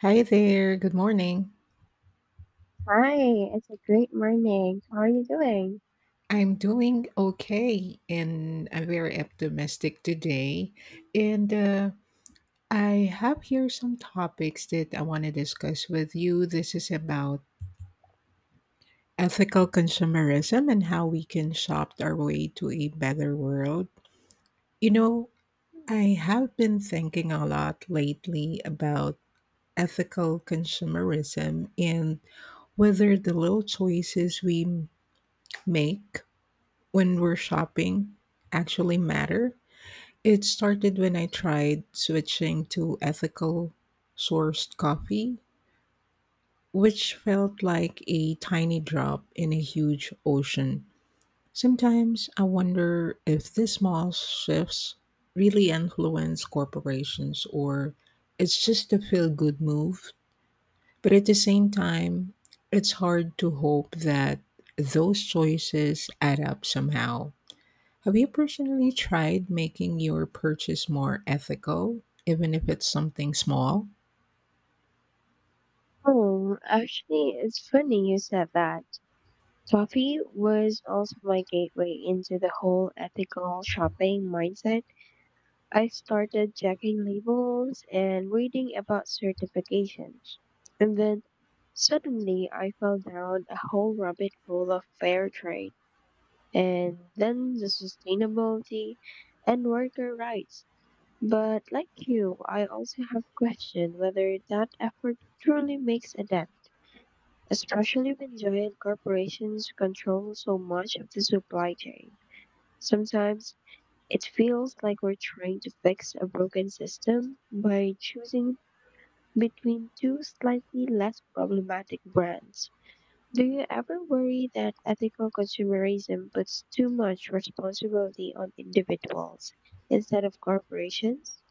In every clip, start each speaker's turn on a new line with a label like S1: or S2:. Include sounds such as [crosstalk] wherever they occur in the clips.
S1: Hi there, good morning.
S2: Hi, it's a great morning. How are you doing?
S1: I'm doing okay and I'm very optimistic today. And I have here some topics that I want to discuss with you. This is about ethical consumerism and how we can shop our way to a better world. You know,
S2: Hmm.
S1: I have been thinking a lot lately about ethical consumerism and whether the little choices we make when we're shopping actually matter. It started when I tried switching to ethical sourced coffee, which felt like a tiny drop in a huge ocean. Sometimes I wonder if these small shifts really influence corporations or it's just a feel good move. But at the same time, it's hard to hope that those choices add up somehow. Have you personally tried making your purchase more ethical, even if it's something small?
S2: Oh, actually, it's funny you said that. Coffee was also my gateway into the whole ethical shopping mindset. I started checking labels and reading about certifications. And then suddenly I fell down a whole rabbit hole of fair trade and then the sustainability and worker rights. But like you, I also have questioned whether that effort truly makes a dent, especially when giant corporations control so much of the supply chain. Sometimes it feels like we're trying to fix a broken system by choosing between two slightly less problematic brands. Do you ever worry that ethical consumerism puts too much responsibility on individuals instead of corporations?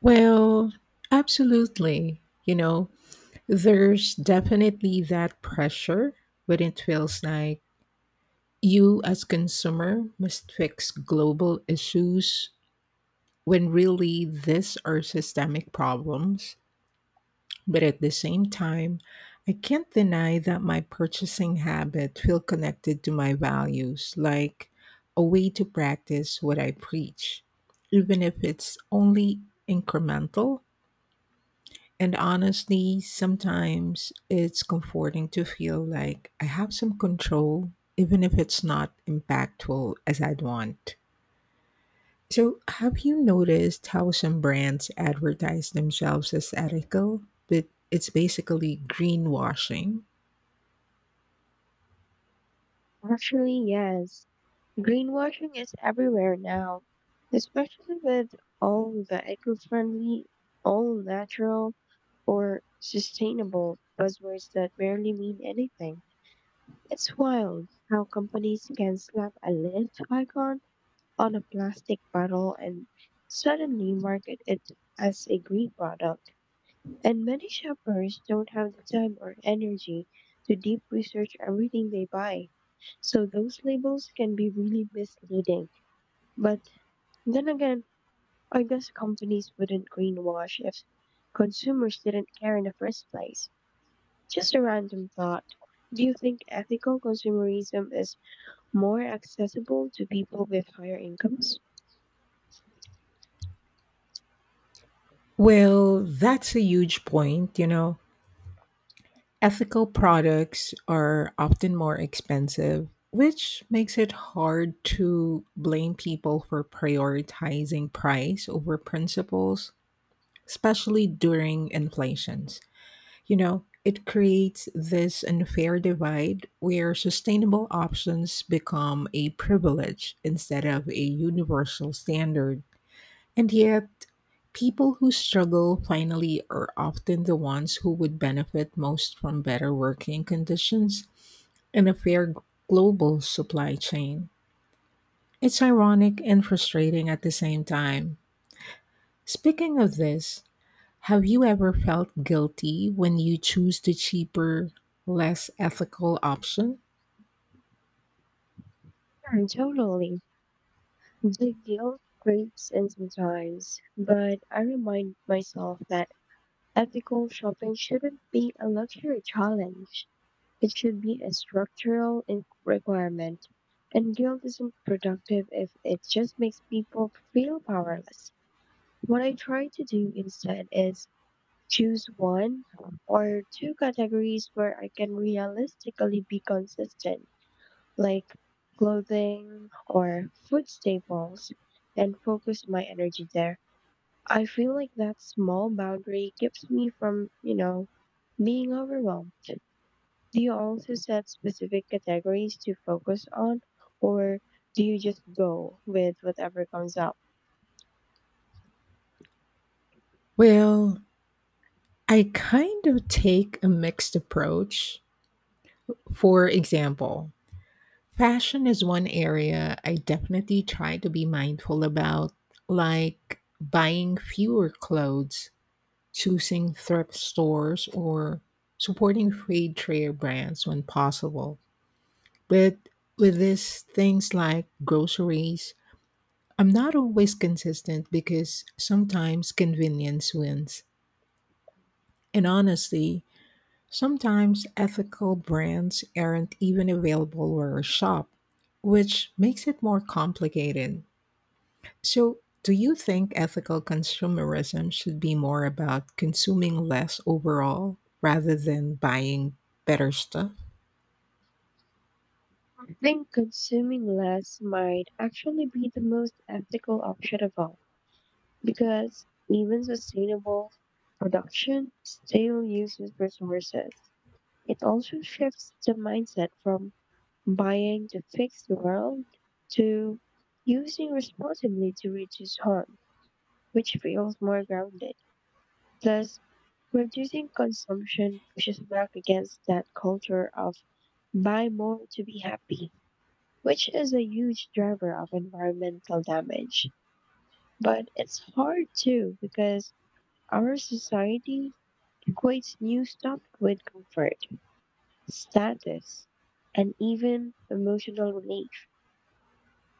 S1: Well, absolutely. There's definitely that pressure, but it feels like you as consumer must fix global issues when really these are systemic problems. But at the same time, I can't deny that my purchasing habit feel connected to my values, like a way to practice what I preach, even if it's only incremental. And honestly, sometimes it's comforting to feel like I have some control, even if it's not impactful as I'd want. So, have you noticed how some brands advertise themselves as ethical, but it's basically greenwashing?
S2: Actually, yes. Greenwashing is everywhere now, especially with all the eco-friendly, all natural, or sustainable buzzwords that barely mean anything. It's wild how companies can slap a lid icon on a plastic bottle and suddenly market it as a green product. And many shoppers don't have the time or energy to deep research everything they buy. So those labels can be really misleading. But then again, I guess companies wouldn't greenwash if consumers didn't care in the first place. Just a random thought. Do you think ethical consumerism is more accessible to people with higher incomes?
S1: Well, that's a huge point. Ethical products are often more expensive, which makes it hard to blame people for prioritizing price over principles, especially during inflations. It creates this unfair divide where sustainable options become a privilege instead of a universal standard. And yet, people who struggle finally are often the ones who would benefit most from better working conditions and a fair global supply chain. It's ironic and frustrating at the same time. Speaking of this, have you ever felt guilty when you choose the cheaper, less ethical option?
S2: Hmm, totally. The guilt creeps in sometimes, but I remind myself that ethical shopping shouldn't be a luxury challenge. It should be a requirement. And guilt isn't productive if it just makes people feel powerless. What I try to do instead is choose one or two categories where I can realistically be consistent, like clothing or food staples, and focus my energy there. I feel like that small boundary keeps me from, you know, being overwhelmed. Do you also set specific categories to focus on, or do you just go with whatever comes up?
S1: Well, I kind of take a mixed approach. For example, fashion is one area I definitely try to be mindful about, like buying fewer clothes, choosing thrift stores, or supporting free trade brands when possible. But with this, things like groceries, I'm not always consistent because sometimes convenience wins. And honestly, sometimes ethical brands aren't even available where I shop, which makes it more complicated. So, do you think ethical consumerism should be more about consuming less overall rather than buying better stuff?
S2: I think consuming less might actually be the most ethical option of all, because even sustainable production still uses resources. It also shifts the mindset from buying to fix the world to using responsibly to reduce harm, which feels more grounded. Plus, reducing consumption pushes back against that culture of buy more to be happy, which is a huge driver of environmental damage. But it's hard too because our society equates new stuff with comfort, status, and even emotional relief.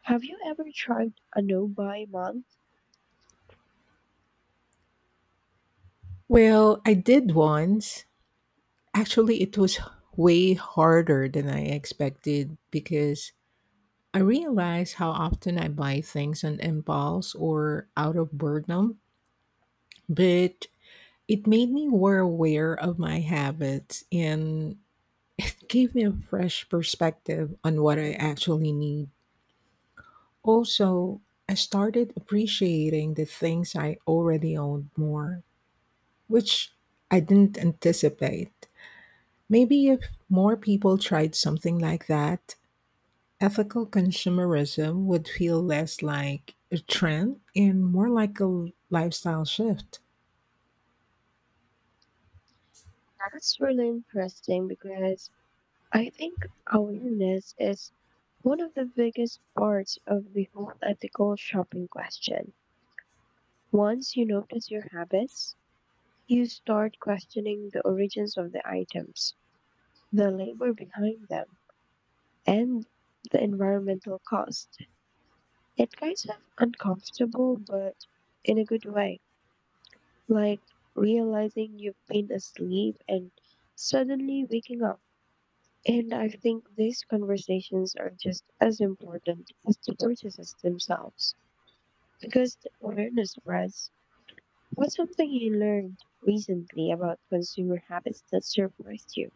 S2: Have you ever tried a no buy month?
S1: Well, I did once. Actually, it was way harder than I expected because I realize how often I buy things on impulse or out of boredom, but it made me more aware of my habits and [laughs] it gave me a fresh perspective on what I actually need. Also, I started appreciating the things I already owned more, which I didn't anticipate. Maybe if more people tried something like that, ethical consumerism would feel less like a trend and more like a lifestyle shift.
S2: That's really interesting because I think awareness is one of the biggest parts of the whole ethical shopping question. Once you notice your habits, you start questioning the origins of the items, the labor behind them, and the environmental cost. It's kind of uncomfortable, but in a good way. Like realizing you've been asleep and suddenly waking up. And I think these conversations are just as important as the purchases themselves because the awareness spreads. What's something you learned recently about consumer habits that surprised you?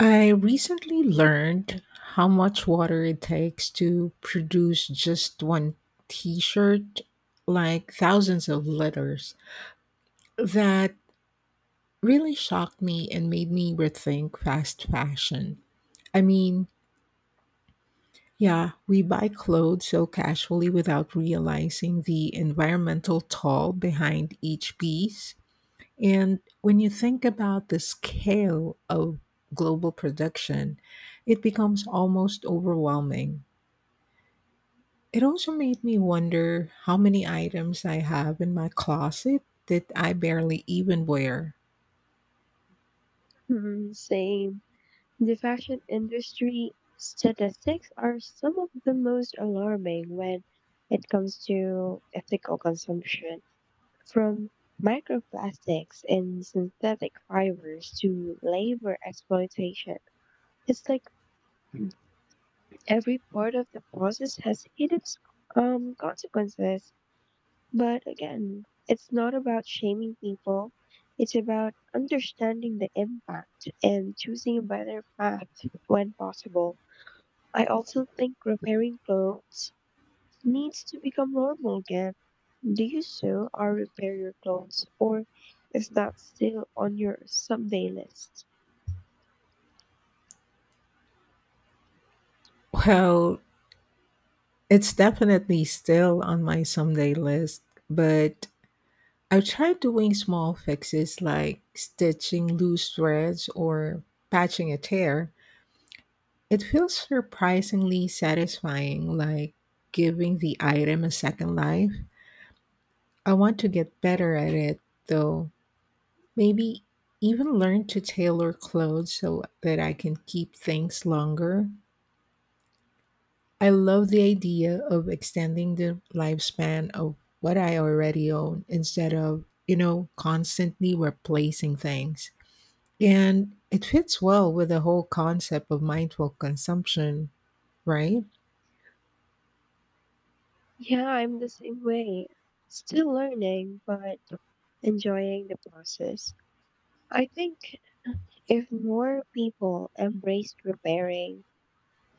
S1: I recently learned how much water it takes to produce just one t shirt, like thousands of liters. That really shocked me and made me rethink fast fashion. I mean, yeah, we buy clothes so casually without realizing the environmental toll behind each piece. And when you think about the scale of global production, it becomes almost overwhelming. It also made me wonder how many items I have in my closet that I barely even wear.
S2: Hmm, same. The fashion industry statistics are some of the most alarming when it comes to ethical consumption. From microplastics and synthetic fibers to labor exploitation, it's like every part of the process has hidden consequences. But again, it's not about shaming people. It's about understanding the impact and choosing a better path when possible. I also think repairing clothes needs to become normal again. Do you sew or repair your clothes, or is that still on your someday list?
S1: Well, it's definitely still on my someday list, but I've tried doing small fixes like stitching loose threads or patching a tear. It feels surprisingly satisfying, like giving the item a second life. I want to get better at it, though. Maybe even learn to tailor clothes so that I can keep things longer. I love the idea of extending the lifespan of what I already own instead of, you know, constantly replacing things. And it fits well with the whole concept of mindful consumption, right?
S2: Yeah, I'm the same way. Still learning, but enjoying the process. I think if more people embraced repairing,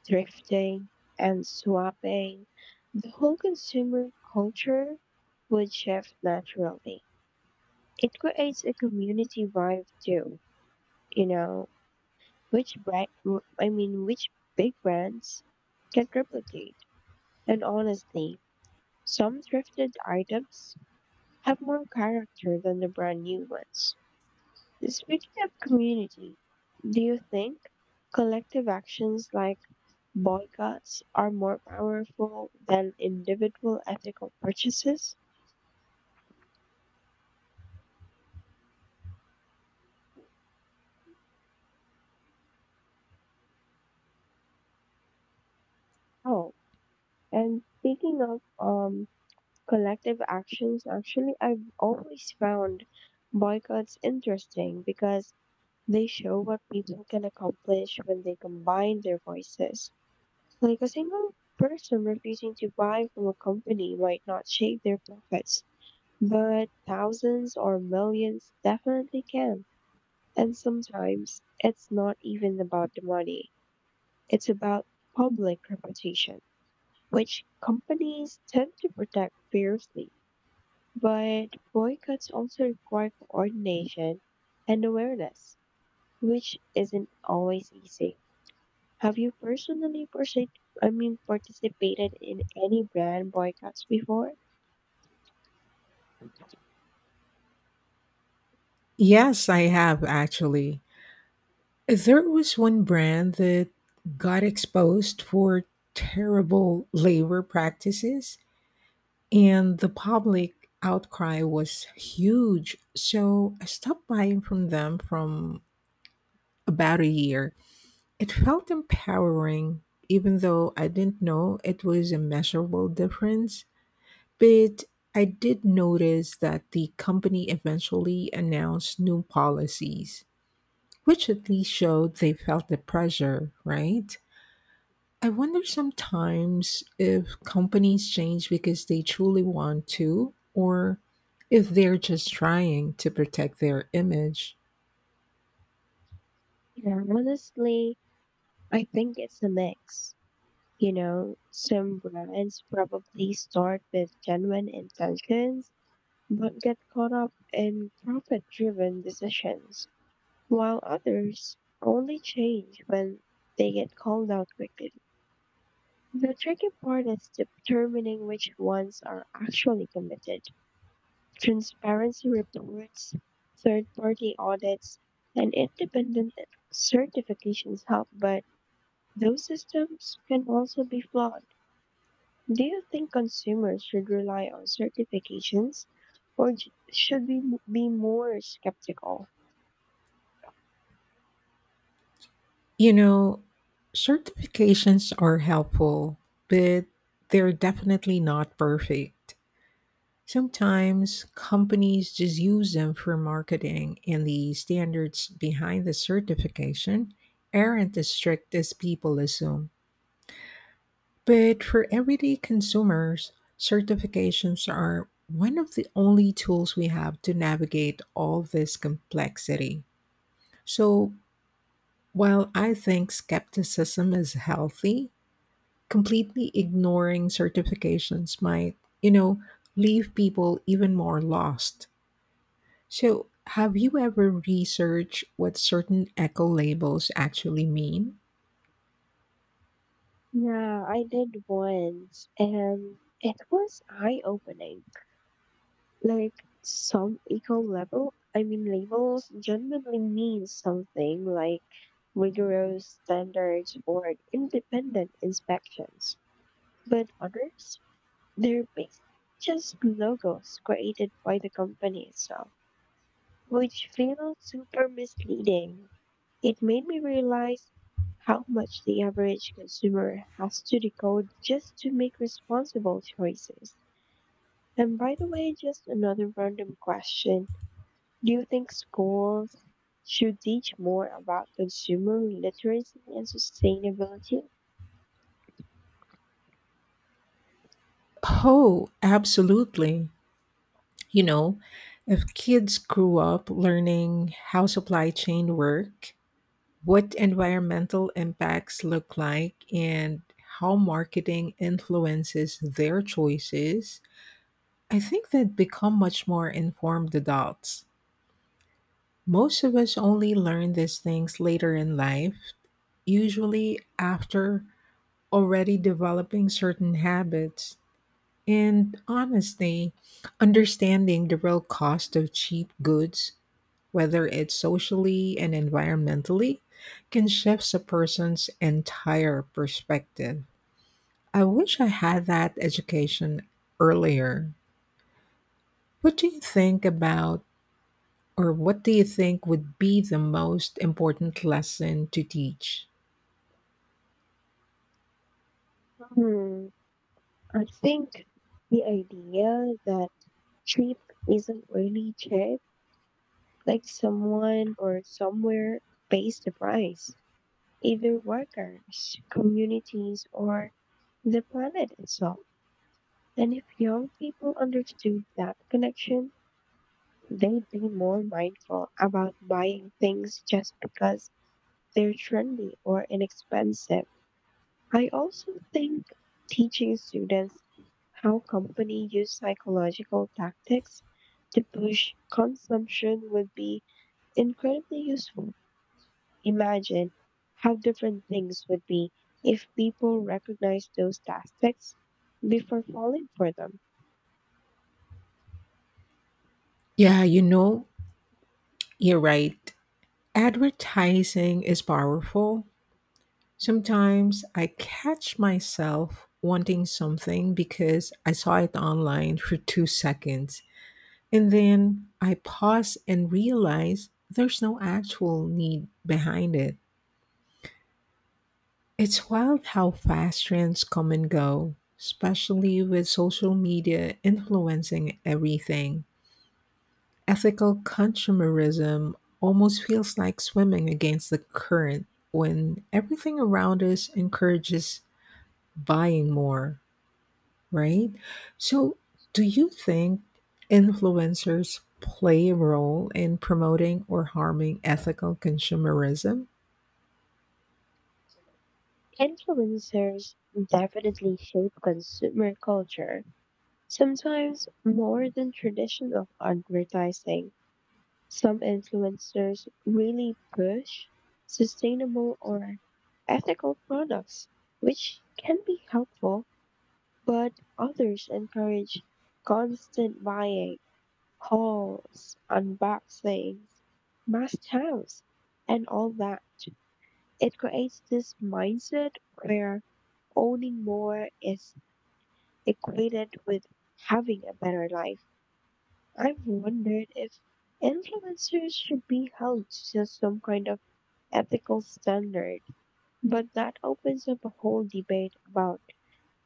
S2: thrifting, and swapping, the whole consumer culture would shift naturally. It creates a community vibe too, you know. Which brand, which big brands can replicate? And honestly, some thrifted items have more character than the brand new ones. Speaking of community, do you think collective actions like boycotts are more powerful than individual ethical purchases? Oh, and speaking of collective actions, actually, I've always found boycotts interesting because they show what people can accomplish when they combine their voices. Like a single person refusing to buy from a company might not shake their profits, but thousands or millions definitely can. And sometimes it's not even about the money, it's about public reputation, which companies tend to protect fiercely. But boycotts also require coordination and awareness, which isn't always easy. Have you personally participated in any brand boycotts before?
S1: Yes, I have actually. There was one brand that got exposed for terrible labor practices, and the public outcry was huge. So I stopped buying from them from about a year. It felt empowering, even though I didn't know it was a measurable difference. But I did notice that the company eventually announced new policies which at least showed they felt the pressure, right? I wonder sometimes if companies change because they truly want to, or if they're just trying to protect their image.
S2: Yeah, honestly, I think it's a mix. You know, some brands probably start with genuine intentions, but get caught up in profit-driven decisions, while others only change when they get called out quickly. The tricky part is determining which ones are actually committed. Transparency reports, third party audits, and independent certifications help, but those systems can also be flawed. Do you think consumers should rely on certifications, or should we be more skeptical?
S1: You know, Certifications are helpful, but they're definitely not perfect. Sometimes companies just use them for marketing, and the standards behind the certification aren't as strict as people assume. But for everyday consumers, certifications are one of the only tools we have to navigate all this complexity. So while I think skepticism is healthy, completely ignoring certifications might, you know, leave people even more lost. So have you ever researched what certain eco labels actually mean?
S2: Yeah, I did once and it was eye opening. Like some eco level I mean labels genuinely mean something, like rigorous standards or independent inspections, but others, they're basically just logos created by the company itself, which feels super misleading. It made me realize how much the average consumer has to decode just to make responsible choices. And by the way, just another random question, do you think schools should teach more about consumer literacy and sustainability?
S1: Oh, absolutely. You know, if kids grew up learning how supply chain work, what environmental impacts look like, and how marketing influences their choices, I think they'd become much more informed adults. Most of us only learn these things later in life, usually after already developing certain habits. And honestly, understanding the real cost of cheap goods whether it's socially and environmentally, can shift a person's entire perspective. I wish I had that education earlier. What do you think about, or what do you think would be the most important lesson to teach?
S2: Hmm, I think the idea that cheap isn't really cheap, like someone or somewhere pays the price, either workers, communities, or the planet itself. And if young people understood that connection, they'd be more mindful about buying things just because they're trendy or inexpensive. I also think teaching students how companies use psychological tactics to push consumption would be incredibly useful. Imagine how different things would be if people recognized those tactics before falling for them.
S1: Yeah, you're right. Advertising is powerful. Sometimes I catch myself wanting something because I saw it online for 2 seconds. And then I pause and realize there's no actual need behind it. It's wild how fast trends come and go, especially with social media influencing everything. Ethical consumerism almost feels like swimming against the current when everything around us encourages buying more. Right? So, do you think influencers play a role in promoting or harming ethical consumerism?
S2: Influencers definitely shape consumer culture, sometimes more than traditional advertising. Some influencers really push sustainable or ethical products, which can be helpful. But others encourage constant buying, hauls, unboxings, must haves, and all that. It creates this mindset where owning more is equated with having a better life. I've wondered if influencers should be held to some kind of ethical standard, but that opens up a whole debate about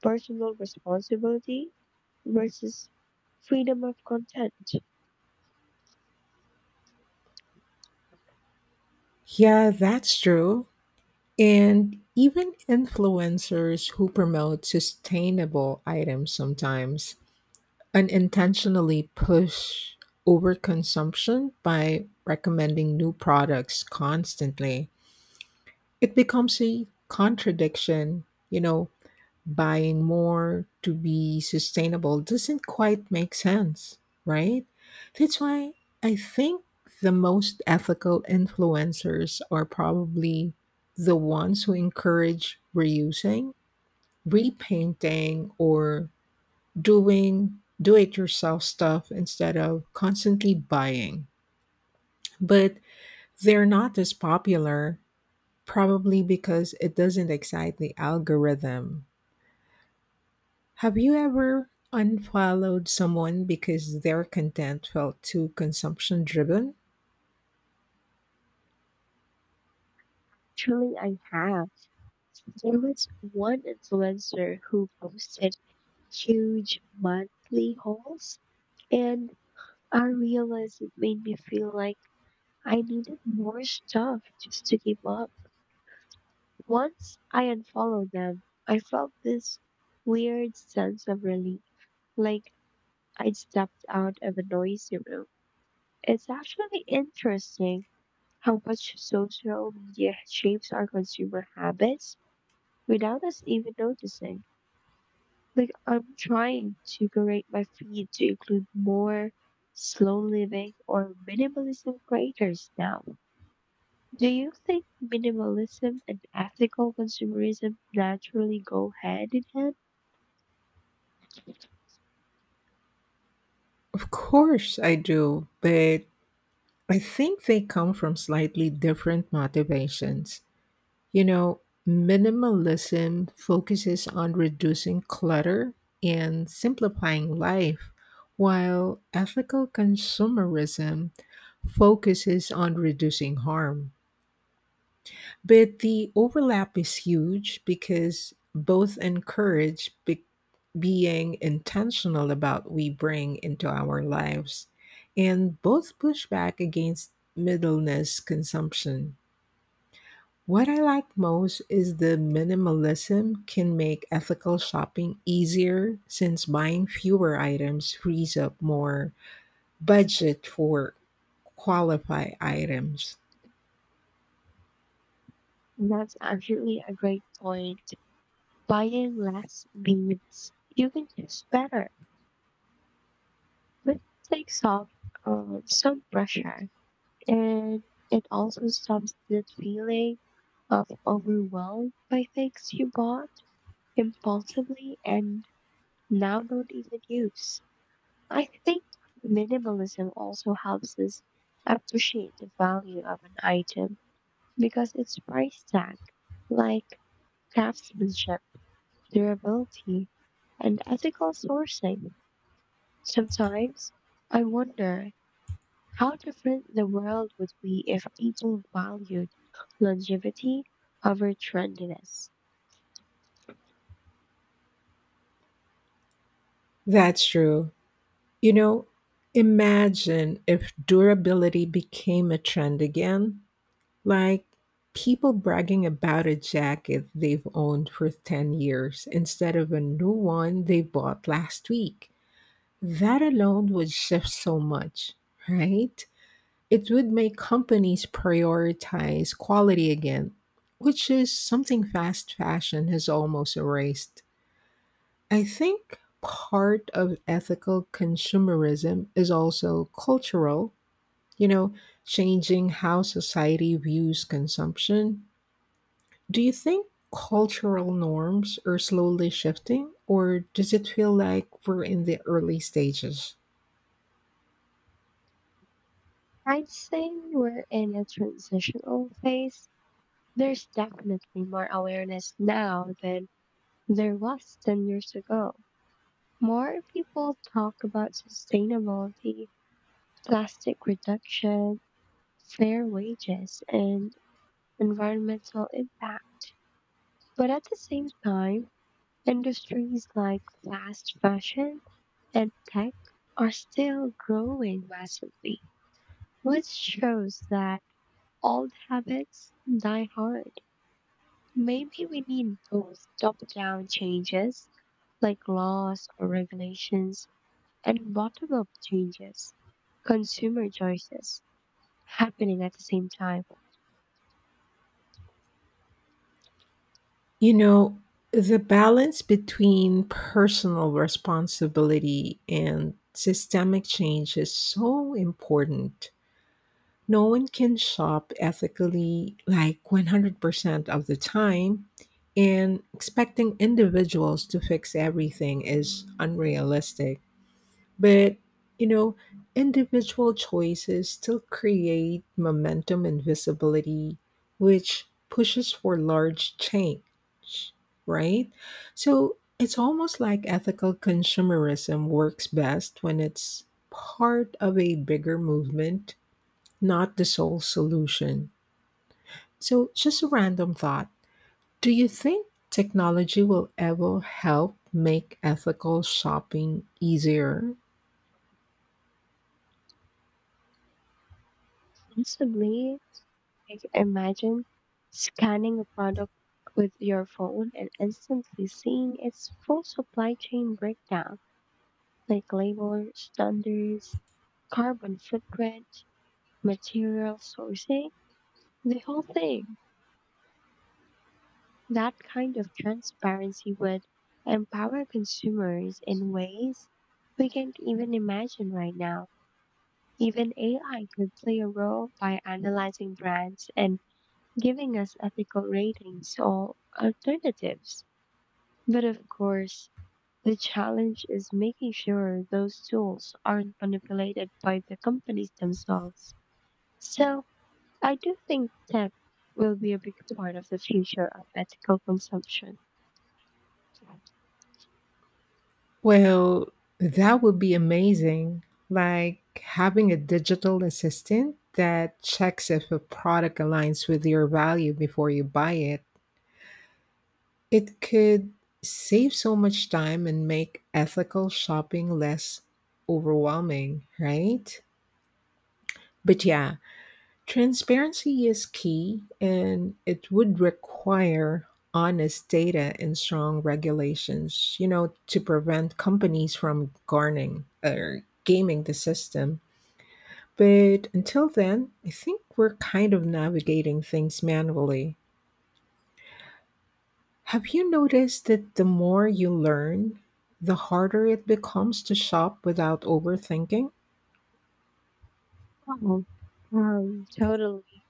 S2: personal responsibility versus freedom of content.
S1: Yeah, that's true. And even influencers who promote sustainable items sometimes unintentionally push overconsumption by recommending new products constantly. It becomes a contradiction, buying more to be sustainable doesn't quite make sense, right? That's why I think the most ethical influencers are probably the ones who encourage reusing, repainting, or doing do it yourself stuff instead of constantly buying. But they're not as popular, probably because it doesn't excite the algorithm. Have you ever unfollowed someone because their content felt too consumption driven?
S2: Truly, I have. There was one influencer who posted huge monthly hauls, and I realized it made me feel like I needed more stuff just to keep up. Once I unfollowed them, I felt this weird sense of relief, like I'd stepped out of a noisy room. It's actually interesting how much social media shapes our consumer habits without us even noticing. Like, I'm trying to curate my feed to include more slow living or minimalism creators now. Do you think minimalism and ethical consumerism naturally go hand in hand?
S1: Of course I do, but I think they come from slightly different motivations. You know, Minimalism focuses on reducing clutter and simplifying life, while ethical consumerism focuses on reducing harm. But the overlap is huge because both encourage being intentional about we bring into our lives, and both push back against middleness consumption. What I like most is the minimalism can make ethical shopping easier since buying fewer items frees up more budget for qualify items.
S2: That's actually a great point. Buying less means you can choose better, but it takes off some pressure. And it also stops that feeling of overwhelmed by things you bought impulsively and now don't even use. I think minimalism also helps us appreciate the value of an item because its price tag, like craftsmanship, durability, and ethical sourcing. Sometimes I wonder how different the world would be if people valued longevity over trendiness.
S1: That's true. You know, Imagine if durability became a trend again. Like people bragging about a jacket they've owned for 10 years instead of a new one they bought last week. That alone would shift so much, right? It would make companies prioritize quality again, which is something fast fashion has almost erased. I think part of ethical consumerism is also cultural, you know, changing how society views consumption. Do you think cultural norms are slowly shifting, or does it feel like we're in the early stages?
S2: I'd say we're in a transitional phase. There's definitely more awareness now than there was 10 years ago. More people talk about sustainability, plastic reduction, fair wages, and environmental impact. But at the same time, industries like fast fashion and tech are still growing massively, which shows that old habits die hard. Maybe we need both top down changes, like laws or regulations, and bottom up changes, consumer choices, happening at the same time.
S1: You know, the balance between personal responsibility and systemic change is so important. No one can shop ethically like 100% of the time, and expecting individuals to fix everything is unrealistic. But, you know, individual choices still create momentum and visibility, which pushes for large change, right? So it's almost like ethical consumerism works best when it's part of a bigger movement not the sole solution. So, just a random thought. Do you think technology will ever help make ethical shopping easier?
S2: Possibly. Imagine scanning a product with your phone and instantly seeing its full supply chain breakdown, like labor, standards, carbon footprint, material sourcing, the whole thing. That kind of transparency would empower consumers in ways we can't even imagine right now. Even AI could play a role by analyzing brands and giving us ethical ratings or alternatives. But of course, the challenge is making sure those tools aren't manipulated by the companies themselves. So I do think tech will be a big part of the future of ethical consumption.
S1: Well, that would be amazing. Like having a digital assistant that checks if a product aligns with your value before you buy it. It could save so much time and make ethical shopping less overwhelming, right? But yeah, transparency is key, and it would require honest data and strong regulations, to prevent companies from garnering or gaming the system. But until then, I think we're kind of navigating things manually. Have you noticed that the more you learn, the harder it becomes to shop without overthinking?
S2: Oh, totally.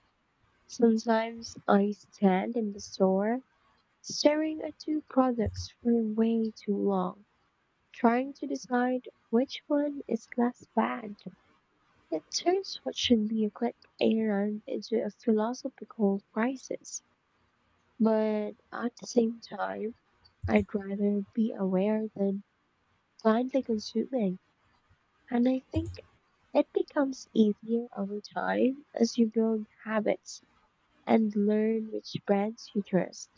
S2: Sometimes I stand in the store staring at two products for way too long, trying to decide which one is less bad. It turns what should be a quick errand into a philosophical crisis. But at the same time, I'd rather be aware than blindly consuming. And I think it becomes easier over time as you build habits and learn which brands you trust.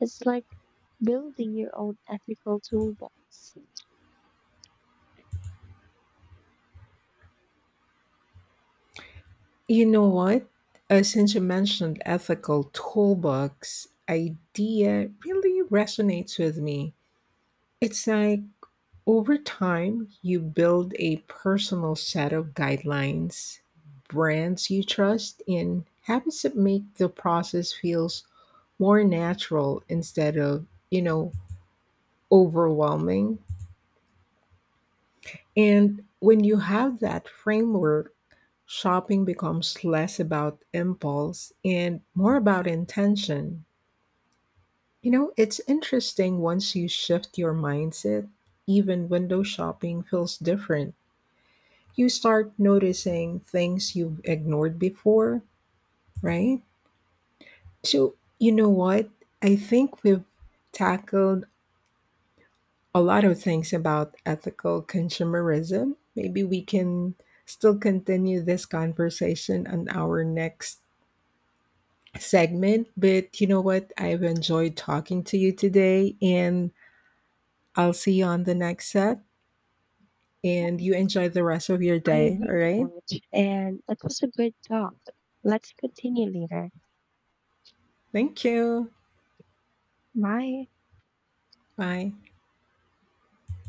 S2: It's like building your own ethical toolbox.
S1: You know what? Since you mentioned ethical toolbox, idea really resonates with me. It's like over time, you build a personal set of guidelines, brands you trust, and habits that make the process feels more natural instead of, overwhelming. And when you have that framework, shopping becomes less about impulse and more about intention. It's interesting once you shift your mindset, even window shopping feels different. You start noticing things you've ignored before, right? So, you know what? I think we've tackled a lot of things about ethical consumerism. Maybe we can still continue this conversation on our next segment. But you know what? I've enjoyed talking to you today, and I'll see you on the next set. And you enjoy the rest of your
S2: I
S1: day. All
S2: agree with
S1: right.
S2: that. And that was a good talk. Let's continue later.
S1: Thank you.
S2: Bye.
S1: Bye.